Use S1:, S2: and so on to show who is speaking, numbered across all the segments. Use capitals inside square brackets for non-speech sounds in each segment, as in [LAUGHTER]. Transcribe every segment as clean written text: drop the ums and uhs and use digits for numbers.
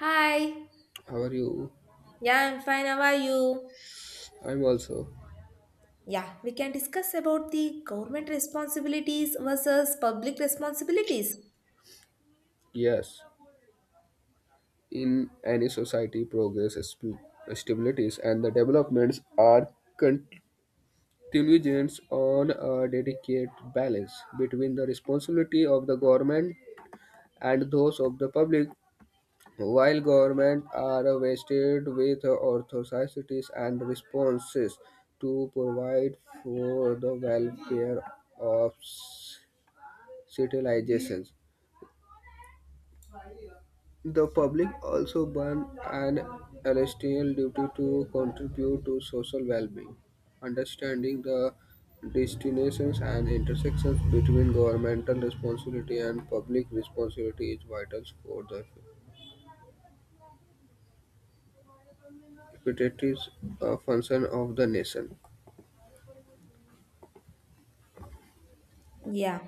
S1: Hi.
S2: How are you?
S1: Yeah, I'm fine. How are you?
S2: I'm also.
S1: Yeah, we can discuss about the government responsibilities versus public responsibilities.
S2: Yes. In any society, progress, stabilities, and the developments are contingent on a delicate balance between the responsibility of the government and those of the public. While government are vested with authorities and responses to provide for the welfare of civilizations, the public also borne an ethical duty to contribute to social well-being. Understanding the destinations and intersections between governmental responsibility and public responsibility is vital for the effective function of the nation.
S1: Yeah.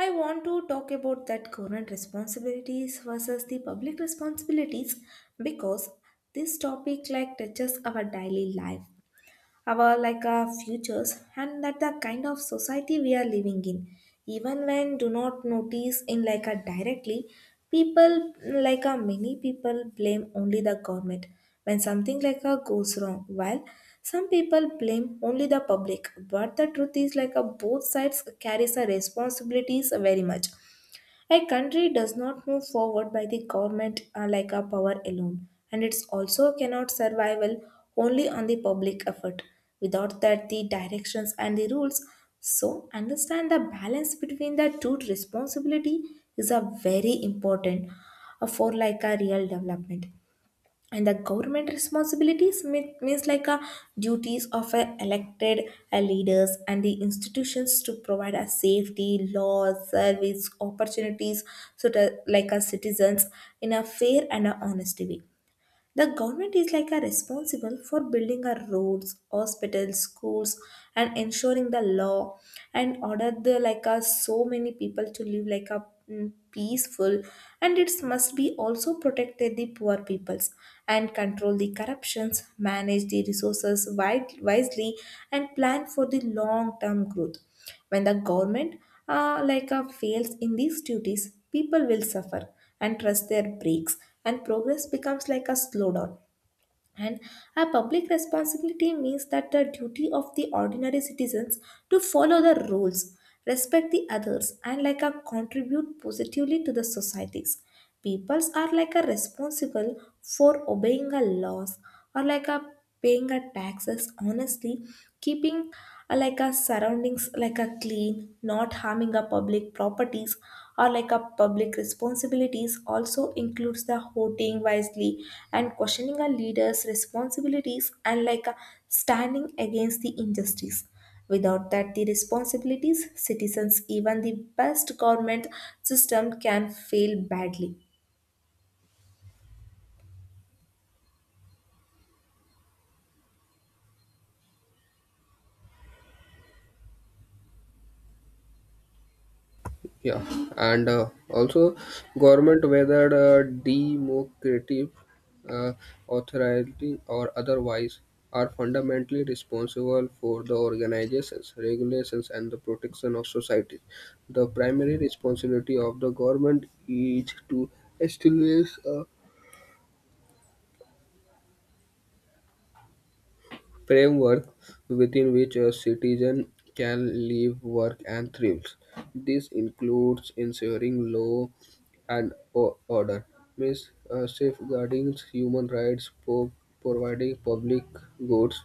S1: I want to talk about that government responsibilities versus the public responsibilities because this topic like touches our daily life, our like our futures, and that the kind of society we are living in even when do not notice in like a directly. People, like a many people blame only the government when something like a goes wrong, while some people blame only the public, but the truth is like a both sides carries a responsibilities very much. A country does not move forward by the government like a power alone, and it's also cannot survival only on the public effort. Without that, the directions and the rules. So, understand the balance between the two responsibility is a very important for like a real development. And the government responsibilities means like a duties of a elected leaders and the institutions to provide a safety laws service opportunities so that like our citizens in a fair and a honest way. The government is like a responsible for building our roads, hospitals, schools, and ensuring the law and order the like a so many people to live like a peaceful, and it must be also protect the poor peoples and control the corruptions, manage the resources wisely, and plan for the long term growth. When the government fails in these duties, people will suffer and trust their brakes and progress becomes like a slowdown. And a public responsibility means that the duty of the ordinary citizens to follow the rules, respect the others, and like a contribute positively to the societies. Peoples are like a responsible for obeying a laws or like a paying our taxes honestly, keeping like our surroundings like a clean, not harming our public properties. Or like our public responsibilities also includes the voting wisely and questioning our leaders responsibilities and standing against the injustice. Without that the responsibilities citizens, even the best government system can fail badly.
S2: Yeah, and also government whether democratic uh, authority or otherwise are fundamentally responsible for the organizations regulations and the protection of society. The primary responsibility of the government is to establish a framework within which a citizen can live, work, and thrive. This includes ensuring law and order, means safeguarding human rights, providing public goods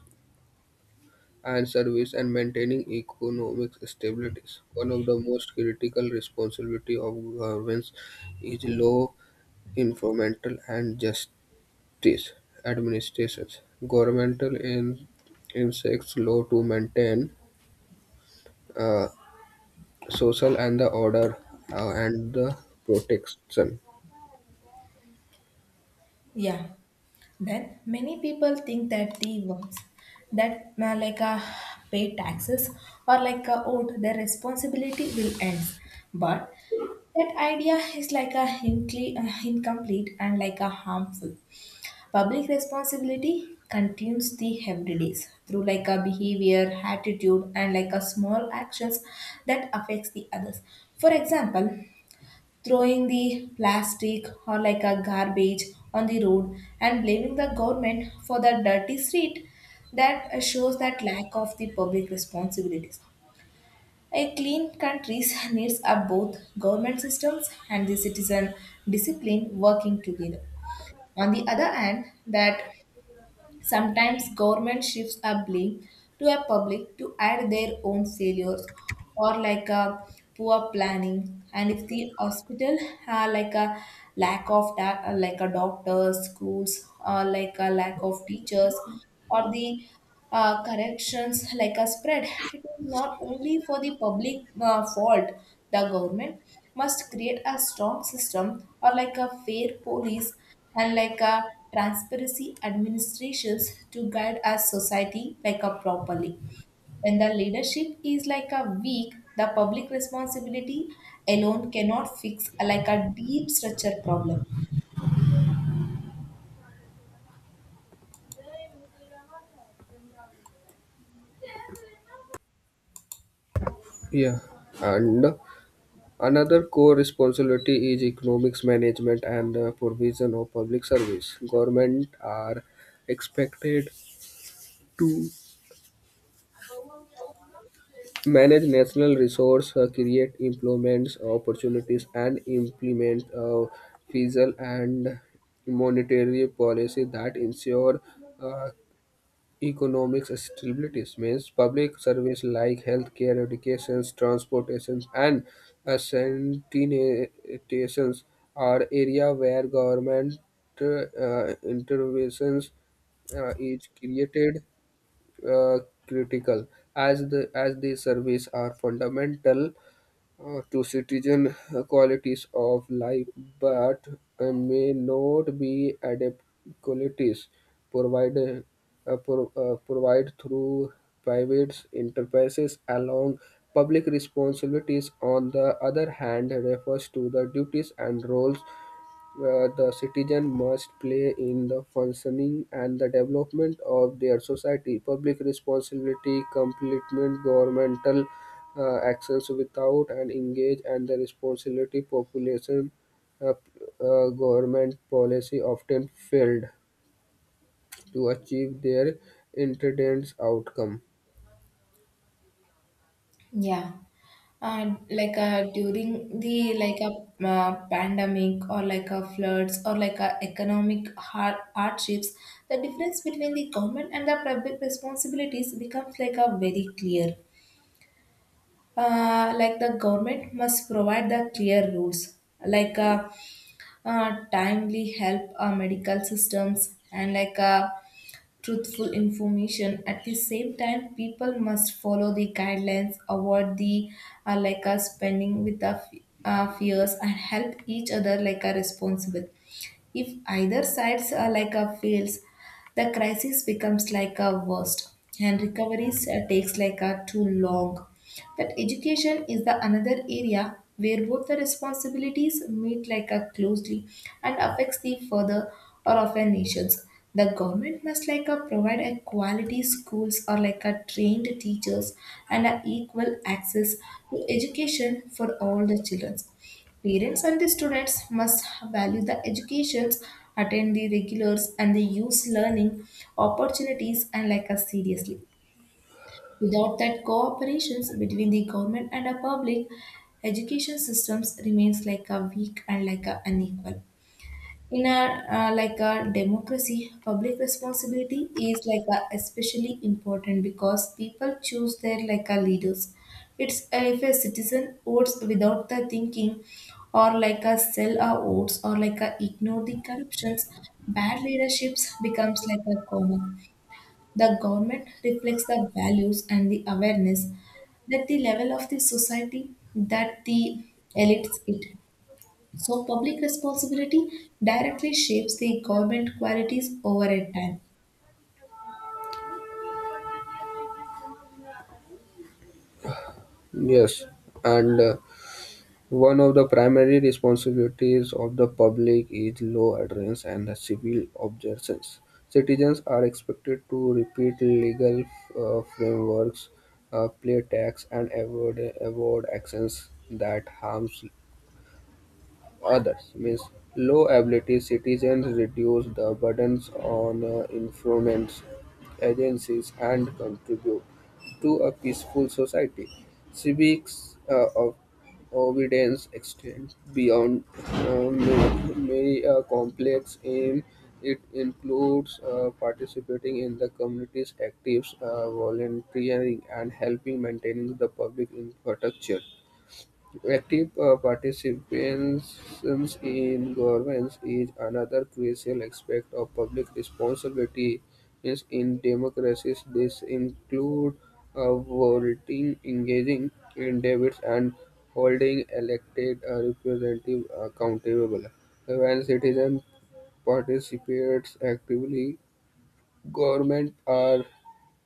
S2: and service, and maintaining economic stability. One of the most critical responsibility of governments is law enforcement and justice. These administrations, governmental in insects, law to maintain uh, social and the order and the protection.
S1: Yeah. Then many people think that the ones that pay taxes or owed their responsibility will end. But that idea is like a incomplete and like a harmful. Public responsibility continues the everydays through like a behavior, attitude, and like a small actions that affects the others. For example, throwing the plastic or like a garbage on the road and blaming the government for the dirty street, that shows that lack of the public responsibilities. A clean country [LAUGHS] needs a both government systems and the citizen discipline working together. On the other hand that sometimes government shifts a blame to a public to add their own failures or like a poor planning. And if the hospital have like a lack of like a doctors, schools, or like a lack of teachers, or the corrections like a spread, it is not only for the public fault. The government must create a strong system or like a fair police and like a transparency administrations to guide our society like a properly. When the leadership is like a weak, the public responsibility alone cannot fix like a deep structure problem.
S2: Yeah, and another core responsibility is economics management and the provision of public service. Government are expected to manage national resource, create employment opportunities, and implement fiscal and monetary policy that ensure uh, economic stability. Means public service like healthcare, education, transportation, and sanitations are area where government interventions is created uh, critical as these services are fundamental to citizen qualities of life, but may not be adequate qualities provided provide through private enterprises along. Public responsibilities on the other hand refers to the duties and roles where the citizen must play in the functioning and the development of their society. Public responsibility complement governmental actions. Without and engage and the responsibility population, uh, government policy often failed to achieve their intended outcome.
S1: Yeah. During the like a pandemic or like a floods or like a economic hardships, the difference between the government and the private responsibilities becomes like a very clear. Like the government must provide the clear rules like uh, timely help, medical systems, and like a truthful information. At the same time people must follow the guidelines, avoid the spending with the fears, and help each other like a responsible. If either sides are like a fails, the crisis becomes like a worst, and recovery takes like a too long. That education is the another area where both the responsibilities meet like a closely and affects the further or of our nations. The government must like a provide a quality schools or like a trained teachers and a equal access to education for all the children. Parents and the students must value the educations, attend the regulars, and they use learning opportunities and like us seriously. Without that cooperations between the government and the public, education systems remains like a weak and like a unequal in our like a democracy. Public responsibility is like a especially important because people choose their like a leaders. It's if a citizen votes without the thinking or like a sell a votes or like a ignore the corruptions, bad leaderships becomes like a common. The government reflects the values and the awareness that the level of the society that the elites it. So, public responsibility directly shapes the government qualities over a time.
S2: Yes, and one of the primary responsibilities of the public is law adherence and civil observance. Citizens are expected to repeat legal frameworks, pay tax, and avoid actions that harms others, means low-ability citizens reduce the burdens on informants, agencies, and contribute to a peaceful society. Civics of obedience extend beyond many complex aim. It includes participating in the community's activities, volunteering, and helping maintaining the public infrastructure. Active participation in governance is another crucial aspect of public responsibility is in democracies. This includes voting, engaging in debates, and holding elected representatives accountable. When citizens participates actively, government are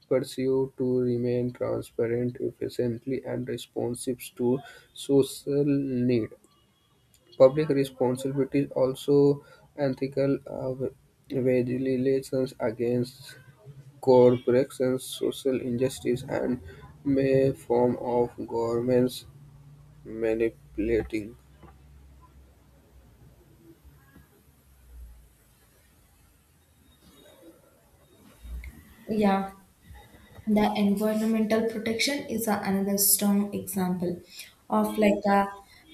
S2: pursue to remain transparent, efficiently, and responsive to social need. Public responsibility is also ethical vigilance against corporations, social injustice, and may form of governments manipulating
S1: Yeah, the environmental protection is another strong example of like a,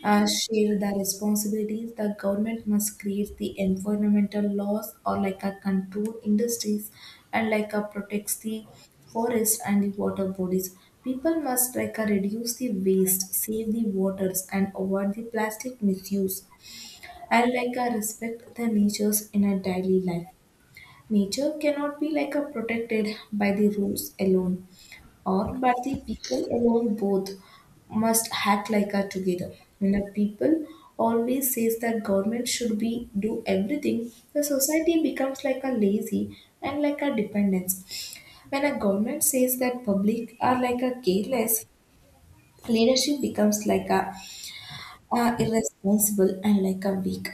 S1: a share the responsibilities. The government must create the environmental laws or like a control industries and like a protects the forest and the water bodies. People must like a reduce the waste, save the waters, and avoid the plastic misuse. I like I respect the natures in our daily life. Nature cannot be like a protected by the rules alone or by the people alone, both must act like a together. When a people always says that government should be do everything, the society becomes like a lazy and like a dependence. When a government says that public are like a careless, leadership becomes like a are irresponsible and like a weak.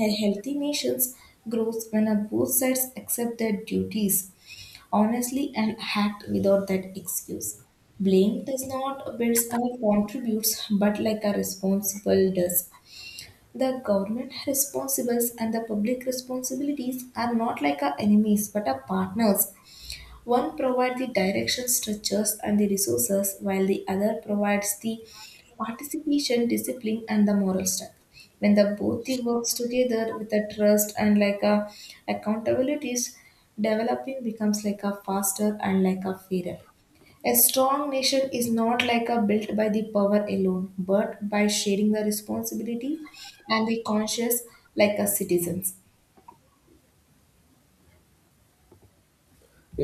S1: A healthy nations grows when a both sides accept their duties honestly and act without that excuse. Blame does not build and contributes, but like a responsible does. The government responsibles and the public responsibilities are not like our enemies but our partners. One provides the direction, structures, and the resources, while the other provides the participation, discipline, and the moral strength. When the both the works together with the trust and like a accountabilities, developing becomes like a faster and like a fairer. A strong nation is not like a built by the power alone, but by sharing the responsibility and the conscious like a citizens.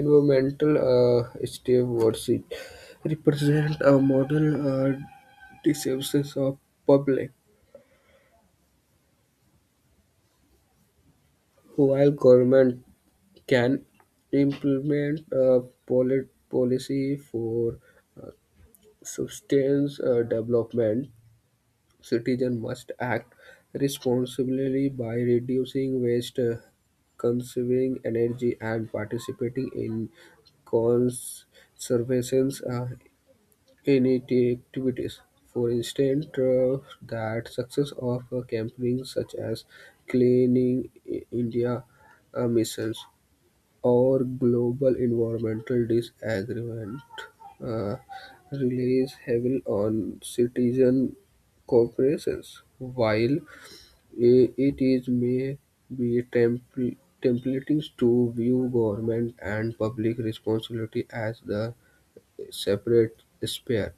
S2: environmental stewardship represent a model discipline of public. While government can implement a policy for substance development, citizen must act responsibly by reducing waste, conserving energy, and participating in conservation initiatives. For instance, that success of campaigns such as Cleaning India missions our global environmental disagreement uh, relies heavily on citizen cooperation, while it is may be templating to view government and public responsibility as the separate sphere.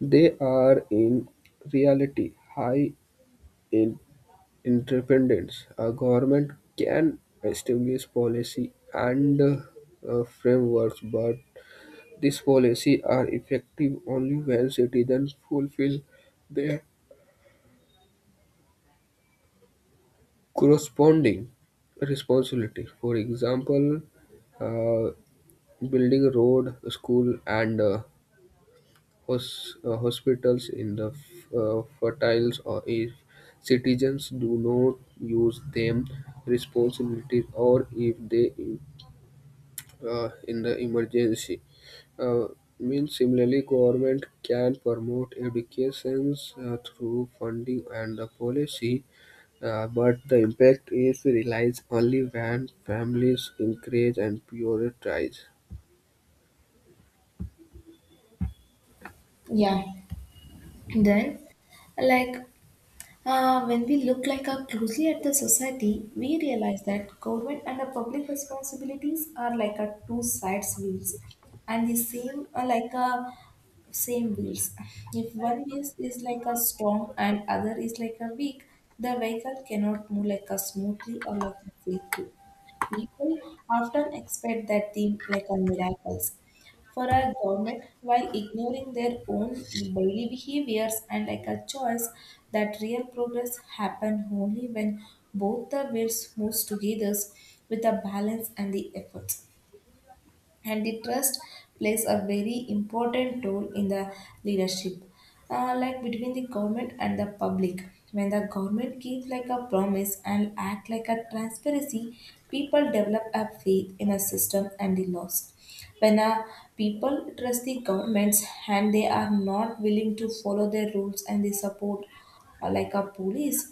S2: They are in reality high independence. A government can establish policy and frameworks, but these policies are effective only when citizens fulfill their corresponding responsibility. For example, uh, building road, school, and hospitals in the fertiles, or if citizens do not use them responsibilities, or if they in the emergency. Uh, Means similarly, government can promote educations through funding and the policy, but the impact is realized only when families encourage and prioritize.
S1: Yeah. Then like when we look like a closely at the society, we realize that government and the public responsibilities are like a two sides wheels, and the same are like a same wheels. If one wheel is like a strong and other is like a weak, the vehicle cannot move like a smoothly or like a safely. People often expect that the like a miracles for our government while ignoring their own daily behaviors and like a choice. That real progress happen only when both the wills moves together with the balance and the effort. And the trust plays a very important role in the leadership like between the government and the public. When the government keeps like a promise and act like a transparency, people develop a faith in a system and the laws. When a people trust the governments, and they are not willing to follow their rules and they support like a police.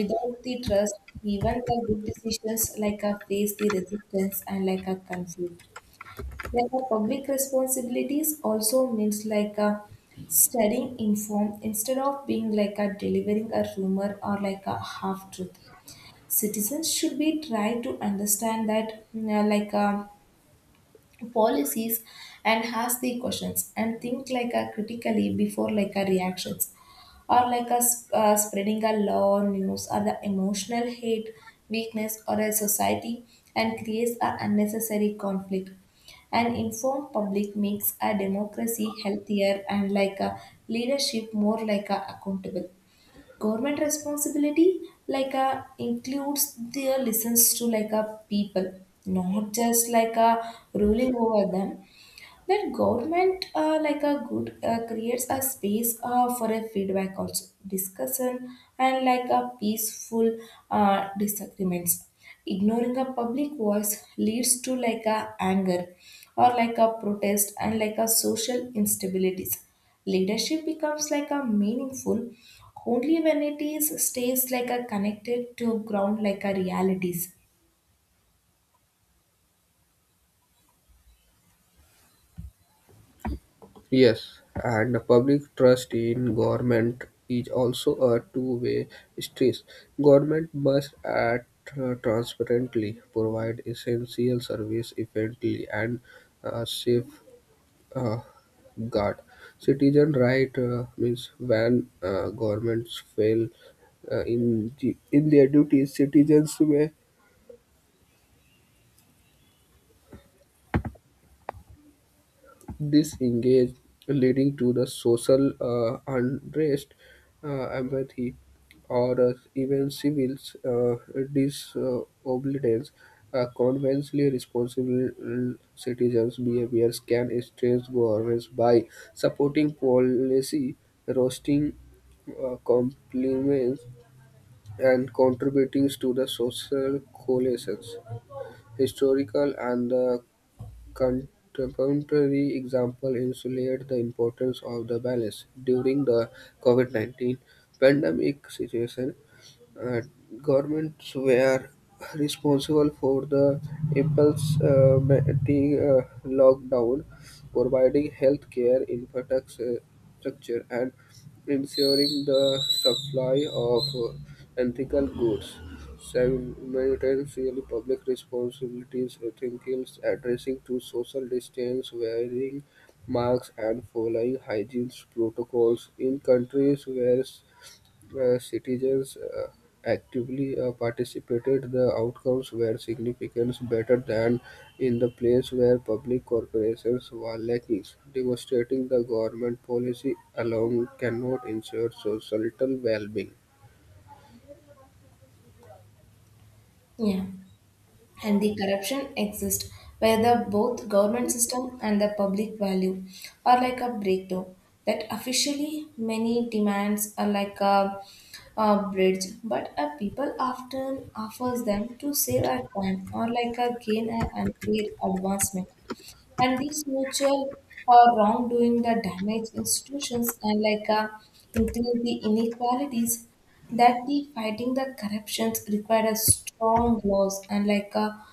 S1: Without the trust, even the good decisions like a face the resistance and like a conflict. There are public responsibilities also means like a studying informed instead of being like a delivering a rumor or like a half truth. Citizens should be try to understand that like a policies and ask the questions and think like a critically before like a reactions or like a spreading a law news or the emotional hate weakness or a society and creates a unnecessary conflict. An informed public makes a democracy healthier and like a leadership more like a accountable. Government responsibility like a includes their listens to like a people, not just like a ruling over them. Then government like a good creates a space for a feedback also, discussion, and like a peaceful disagreements. Ignoring a public voice leads to like a anger or like a protest and like a social instabilities. Leadership becomes like a meaningful only when it is stays like a connected to ground like a realities.
S2: Yes, and the public trust in government is also a two-way street. Government must act transparently, provide essential service efficiently, and safe uh, guard. Citizen right means when governments fail in their duties, citizens may this engage, leading to the social unrest, apathy, or even civil uh, disobedience. Conversely, responsible citizens' behaviors can stress governments by supporting policy, roasting compliments, and contributing to the social coalitions. Historical and the contemporary examples illustrate the importance of the balance during the COVID-19 pandemic situation. uh, Governments were responsible for the impulse mating, lockdown, providing health care infrastructure, and ensuring the supply of ethical goods. Simultaneously, public responsibilities entails addressing to social distance, wearing masks, and following hygiene protocols. In countries where citizens actively participated, the outcomes were significantly better than in the place where public corporations were lacking, demonstrating the government policy alone cannot ensure societal well-being.
S1: Yeah. And the corruption exist where the both government system and the public value are like a breakdown, that officially many demands are like a bridge, but a people often offers them to save a time or like a gain an unfair advancement, and these mutual wrongdoing that damage institutions and like increase the inequalities, that the fighting the corruptions required a strong laws and like a,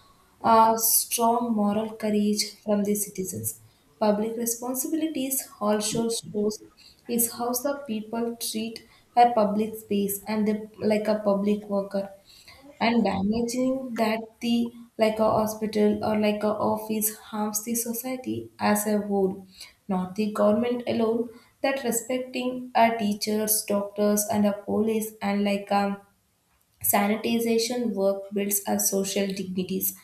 S1: a strong moral courage from the citizens. Public responsibilities also shows is how the people treat a public space and the, like a public worker, and damaging that the like a hospital or like a office harms the society as a whole, not the government alone, that respecting our teachers, doctors and our police and like sanitization work builds our social dignities.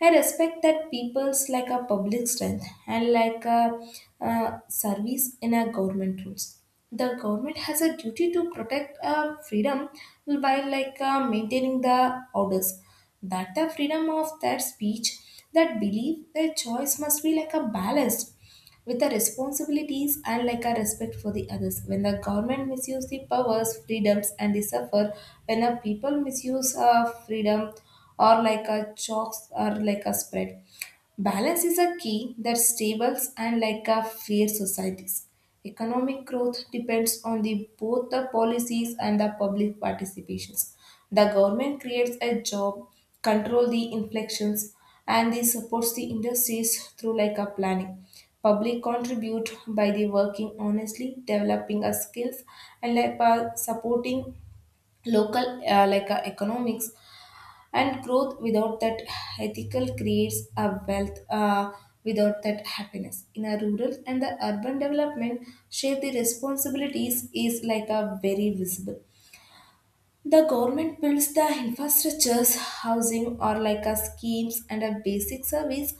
S1: I respect that people's like a public strength and like a service in a government rules. The government has a duty to protect freedom by like maintaining the orders. That the freedom of that speech, that belief, their choice must be like a balanced with the responsibilities and like a respect for the others. When the government misuse the powers, freedoms, and they suffer. When the people misuse freedom or like a chokes or like a spread. Balance is a key that stables and like a fair societies. Economic growth depends on the both the policies and the public participations. The government creates a job, control the inflections, and they supports the industries through like a planning. Public contribute by the working honestly, developing a skills and like by supporting local like economics, and growth without that ethical creates a wealth without that happiness. In a rural and the urban development, share the responsibilities is like a very visible. The government builds the infrastructures, housing or like a schemes and a basic service.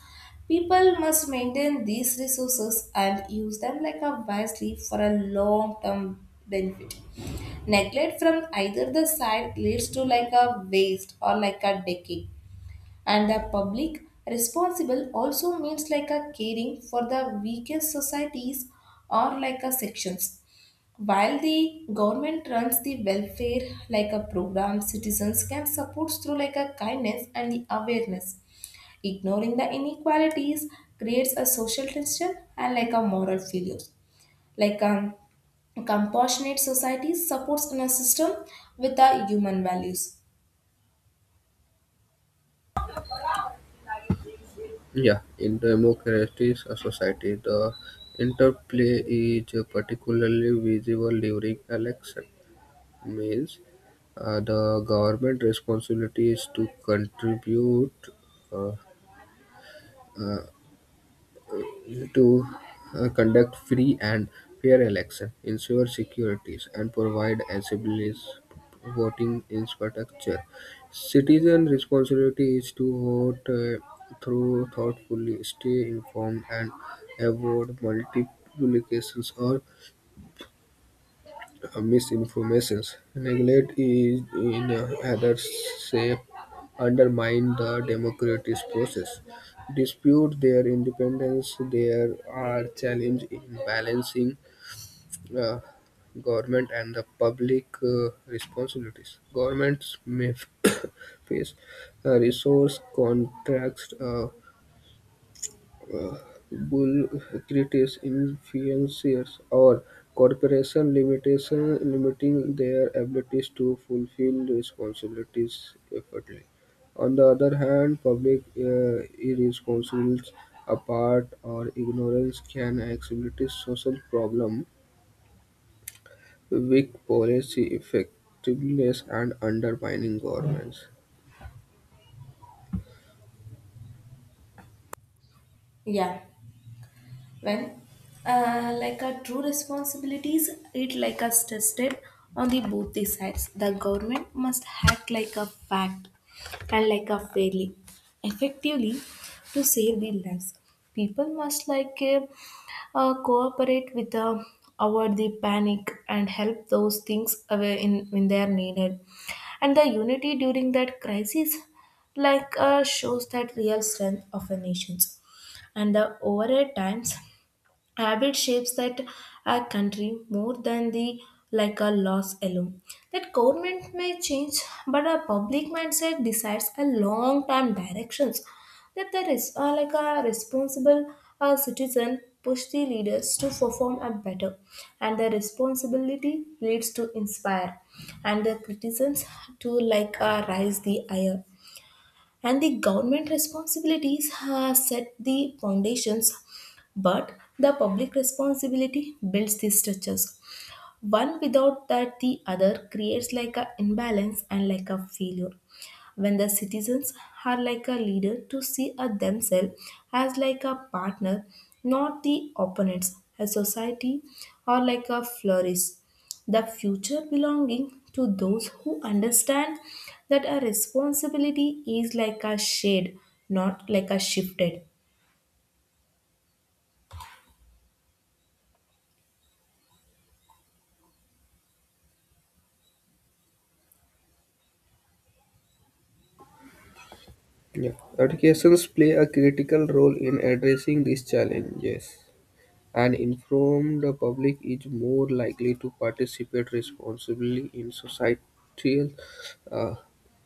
S1: People must maintain these resources and use them like a wisely for a long term benefit. Neglect from either the side leads to like a waste or like a decay, and the public responsible also means like a caring for the weakest societies or like a sections, while the government runs the welfare like a program citizens can support through like a kindness and the awareness. Ignoring the inequalities creates a social tension and like a moral failures, like a compassionate society supports in a system with the human values.
S2: Yeah, in democratic society, the interplay is particularly visible during election. Means, the government responsibility is to contribute uh, uh, to conduct free and fair elections, ensure securities, and provide accessible voting infrastructure. Citizen responsibility is to vote through thoughtfully, stay informed, and avoid multiplications or misinformations. Neglect is in other shape undermine the democratic process. Dispute their independence. There are challenges in balancing uh, government and the public responsibilities. Governments may [COUGHS] face resource contracts, bureaucratic influencers, or corporations limitation limiting their abilities to fulfill responsibilities effectively. On the other hand, public irresponsibility, apart or ignorance can exacerbate social problems, weak policy effectiveness, and undermining governments.
S1: Yeah. Well, like our true responsibilities, it like us tested on the both the sides. The government must act like a fact and like a fairly, effectively to save the lives. People must like cooperate with the avoid the panic and help those things away in when they are needed. And the unity during that crisis like shows that real strength of a nations, and the over times habit shapes that a country more than the like a loss alone, that government may change, but a public mindset decides a long term directions, that there is like a responsible citizen push the leaders to perform a better, and the responsibility leads to inspire, and the citizens to like rise the higher, and the government responsibilities have set the foundations, but the public responsibility builds the structures. One without that the other creates like a imbalance and like a failure, when the citizens are like a leader to see a themselves as like a partner, not the opponents a society, or like a flourish, the future belonging to those who understand that a responsibility is like a shade, not like a shifted.
S2: Yeah. Educations play a critical role in addressing these challenges. An informed public is more likely to participate responsibly in societal uh,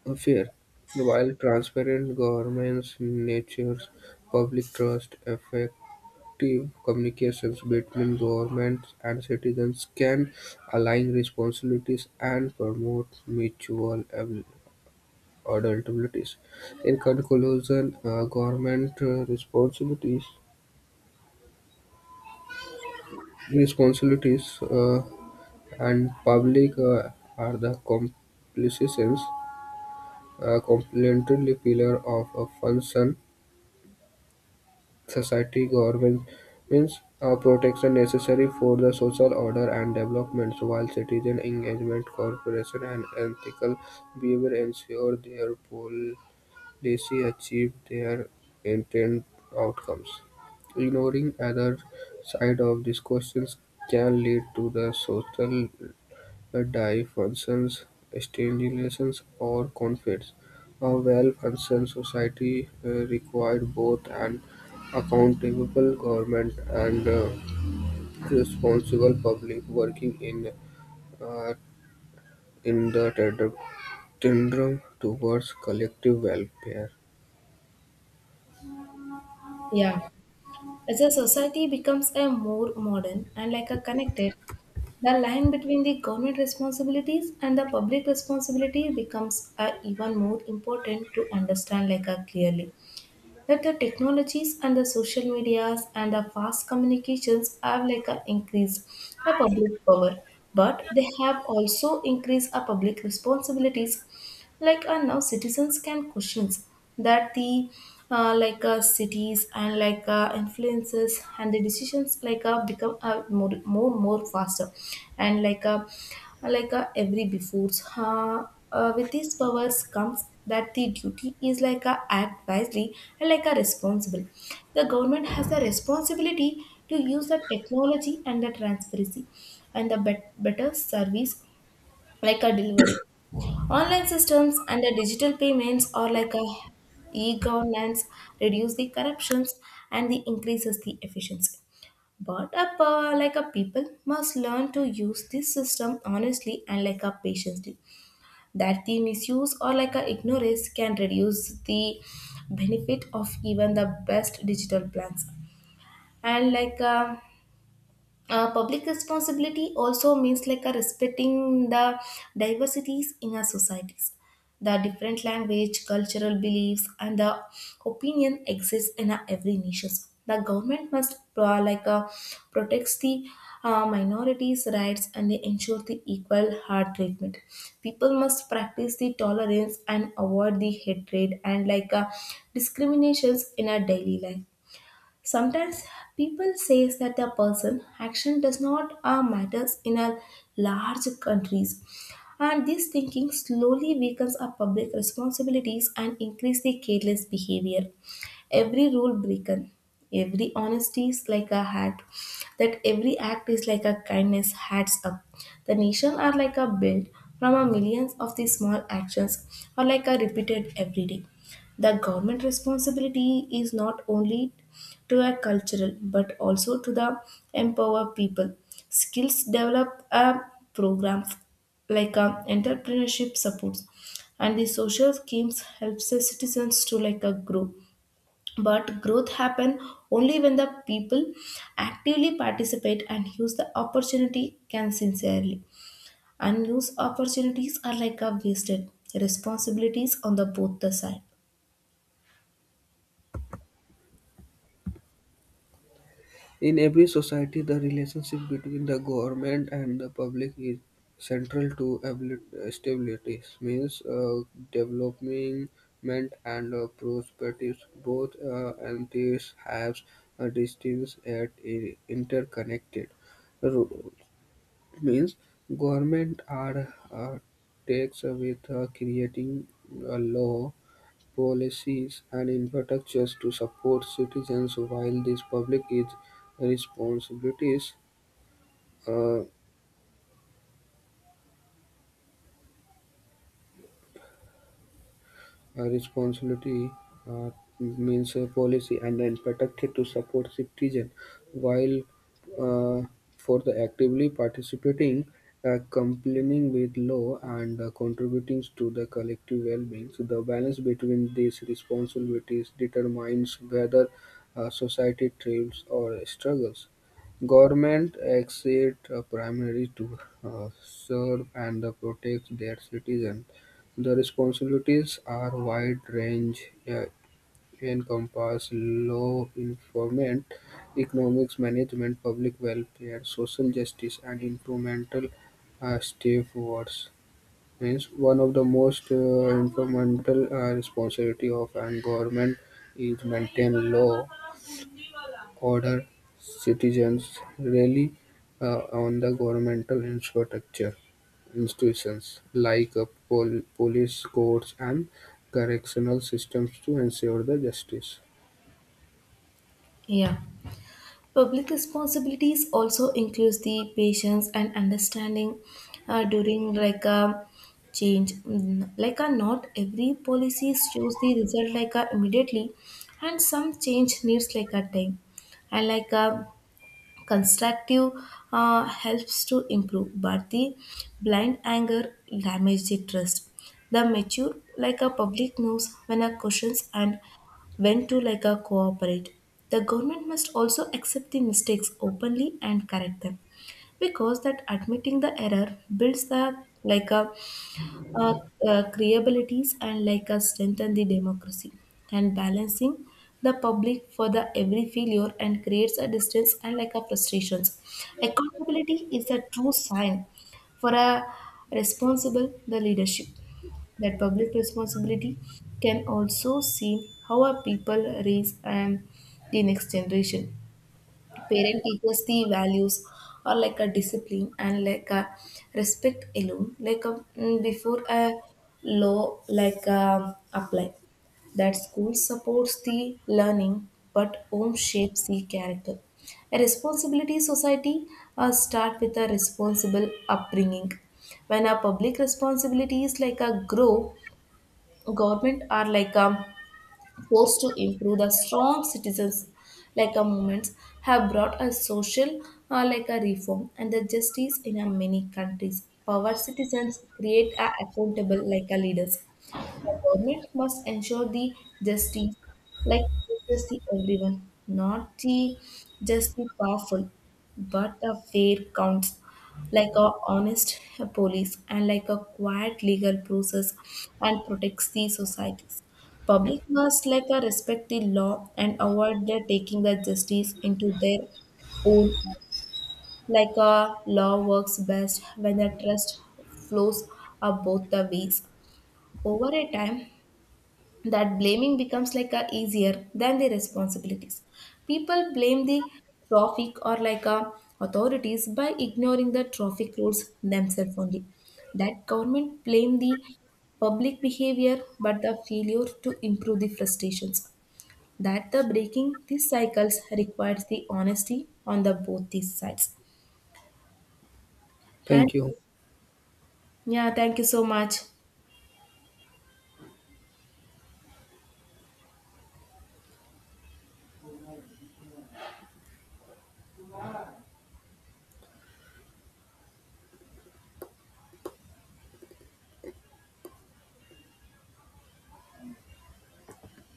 S2: affairs, while transparent governments nurtures public trust. Effective communications between governments and citizens can align responsibilities and promote mutual adaptabilities. In conclusion, government responsibilities And public are the complications, a complementary pillar of a function society. Government means a protection necessary for the social order and development, while citizen engagement, cooperation, and ethical behavior ensure their policy achieve their intended outcomes. Ignoring other side of these questions can lead to the social, the diocesan stagnations or conflicts. A well-functioning society requires both an accountable government and responsible public working uh, in the tandem towards collective welfare.
S1: Yeah. As a society becomes a more modern and like a connected, the line between the government responsibilities and the public responsibility becomes even more important to understand like clearly, that the technologies and the social medias and the fast communications have like increased the public power, but they have also increased our public responsibilities, like now citizens can questions that the like cities and like influences and the decisions like become more faster, and like every before, uh, with these powers comes that the duty is like a act wisely and like a responsible, the government has the responsibility to use the technology and the transparency and the better service like a delivery. Online systems and the digital payments are like a e-governance, reduce the corruptions and the increases the efficiency. But a, like a people must learn to use this system honestly and like a patiently. That the misuse or like a ignorance can reduce the benefit of even the best digital plans. And like a public responsibility also means like a respecting the diversities in our societies, the different language cultural beliefs and the opinion exists in our every nations. The government must like protects the minorities rights, and they ensure the equal hard treatment. People must practice the tolerance and avoid the hatred and like discriminations in our daily life. Sometimes people says that their person action does not matters in a large countries, and this thinking slowly weakens our public responsibilities and increase the careless behavior. Every rule broken, every honesty is like a hat, that every act is like a kindness. Hats up. The nation are like a built from a millions of these small actions, or like a repeated every day. The government responsibility is not only to a cultural but also to the empower people skills develop a program like a entrepreneurship supports, and the social schemes helps the citizens to like a grow, but growth happen only when the people actively participate and use the opportunity can sincerely. Unused opportunities are like a wasted responsibilities on the both the side.
S2: In every society, the relationship between the government and the public is central to stability, means development and prosperity. Both entities have a distance yet interconnected roles. Means government are takes with creating a law policies and infrastructures to support citizens, while these public is responsibilities. Uh, A responsibility uh, means a policy and then protected to support citizen, while uh, for the actively participating, complying with law, and contributing to the collective well-being. So the balance between these responsibilities determines whether society thrives or struggles. Government exert a primary to serve and protect their citizens. The responsibilities are wide-range, encompass law enforcement, economics management, public welfare, social justice, and environmental stewardship. Hence, one of the most fundamental responsibility of an government is maintain law, order. Citizens rely uh, on the governmental infrastructure institutions like police, courts, and correctional systems to ensure the justice.
S1: Yeah. Public responsibilities also includes the patience and understanding during like a change. Like a not every policy shows the result like a immediately, and some change needs like a time. And like a constructive helps to improve, but the blind anger damages the trust. The mature like a public knows when a questions and when to like a cooperate. The government must also accept the mistakes openly and correct them, because that admitting the error builds the like a uh, creabilities and like strengthen the democracy. And balancing the public for the every failure and creates a distance and like a frustrations. Accountability is a true sign for a responsible the leadership. That public responsibility can also seen how a people raise the next generation. Parent teaches the values or like a discipline and like a respect alone like a, before a law like apply. That school supports the learning, but home shapes the character. A responsibility society start with a responsible upbringing. When a public responsibility is like a grow, government are like a efforts to improve the strong citizens like a movements have brought a social like a reform and the justice in a many countries power citizens create a accountable like a leaders. The government must ensure the justice, like just the everyone, not the just the powerful, but a fair counts, like a honest police and like a quiet legal process, and protects the societies. Public must like a respect the law and avoid the taking the justice into their own hand. Like a law works best when the trust flows up both the ways. Over a time, that blaming becomes like a easier than the responsibilities. People blame the traffic or like a authorities by ignoring the traffic rules themselves only, that government blame the public behavior but the failure to improve the frustrations, that the breaking these cycles requires the honesty on the both these sides. And
S2: Thank you.
S1: yeah, thank you so much.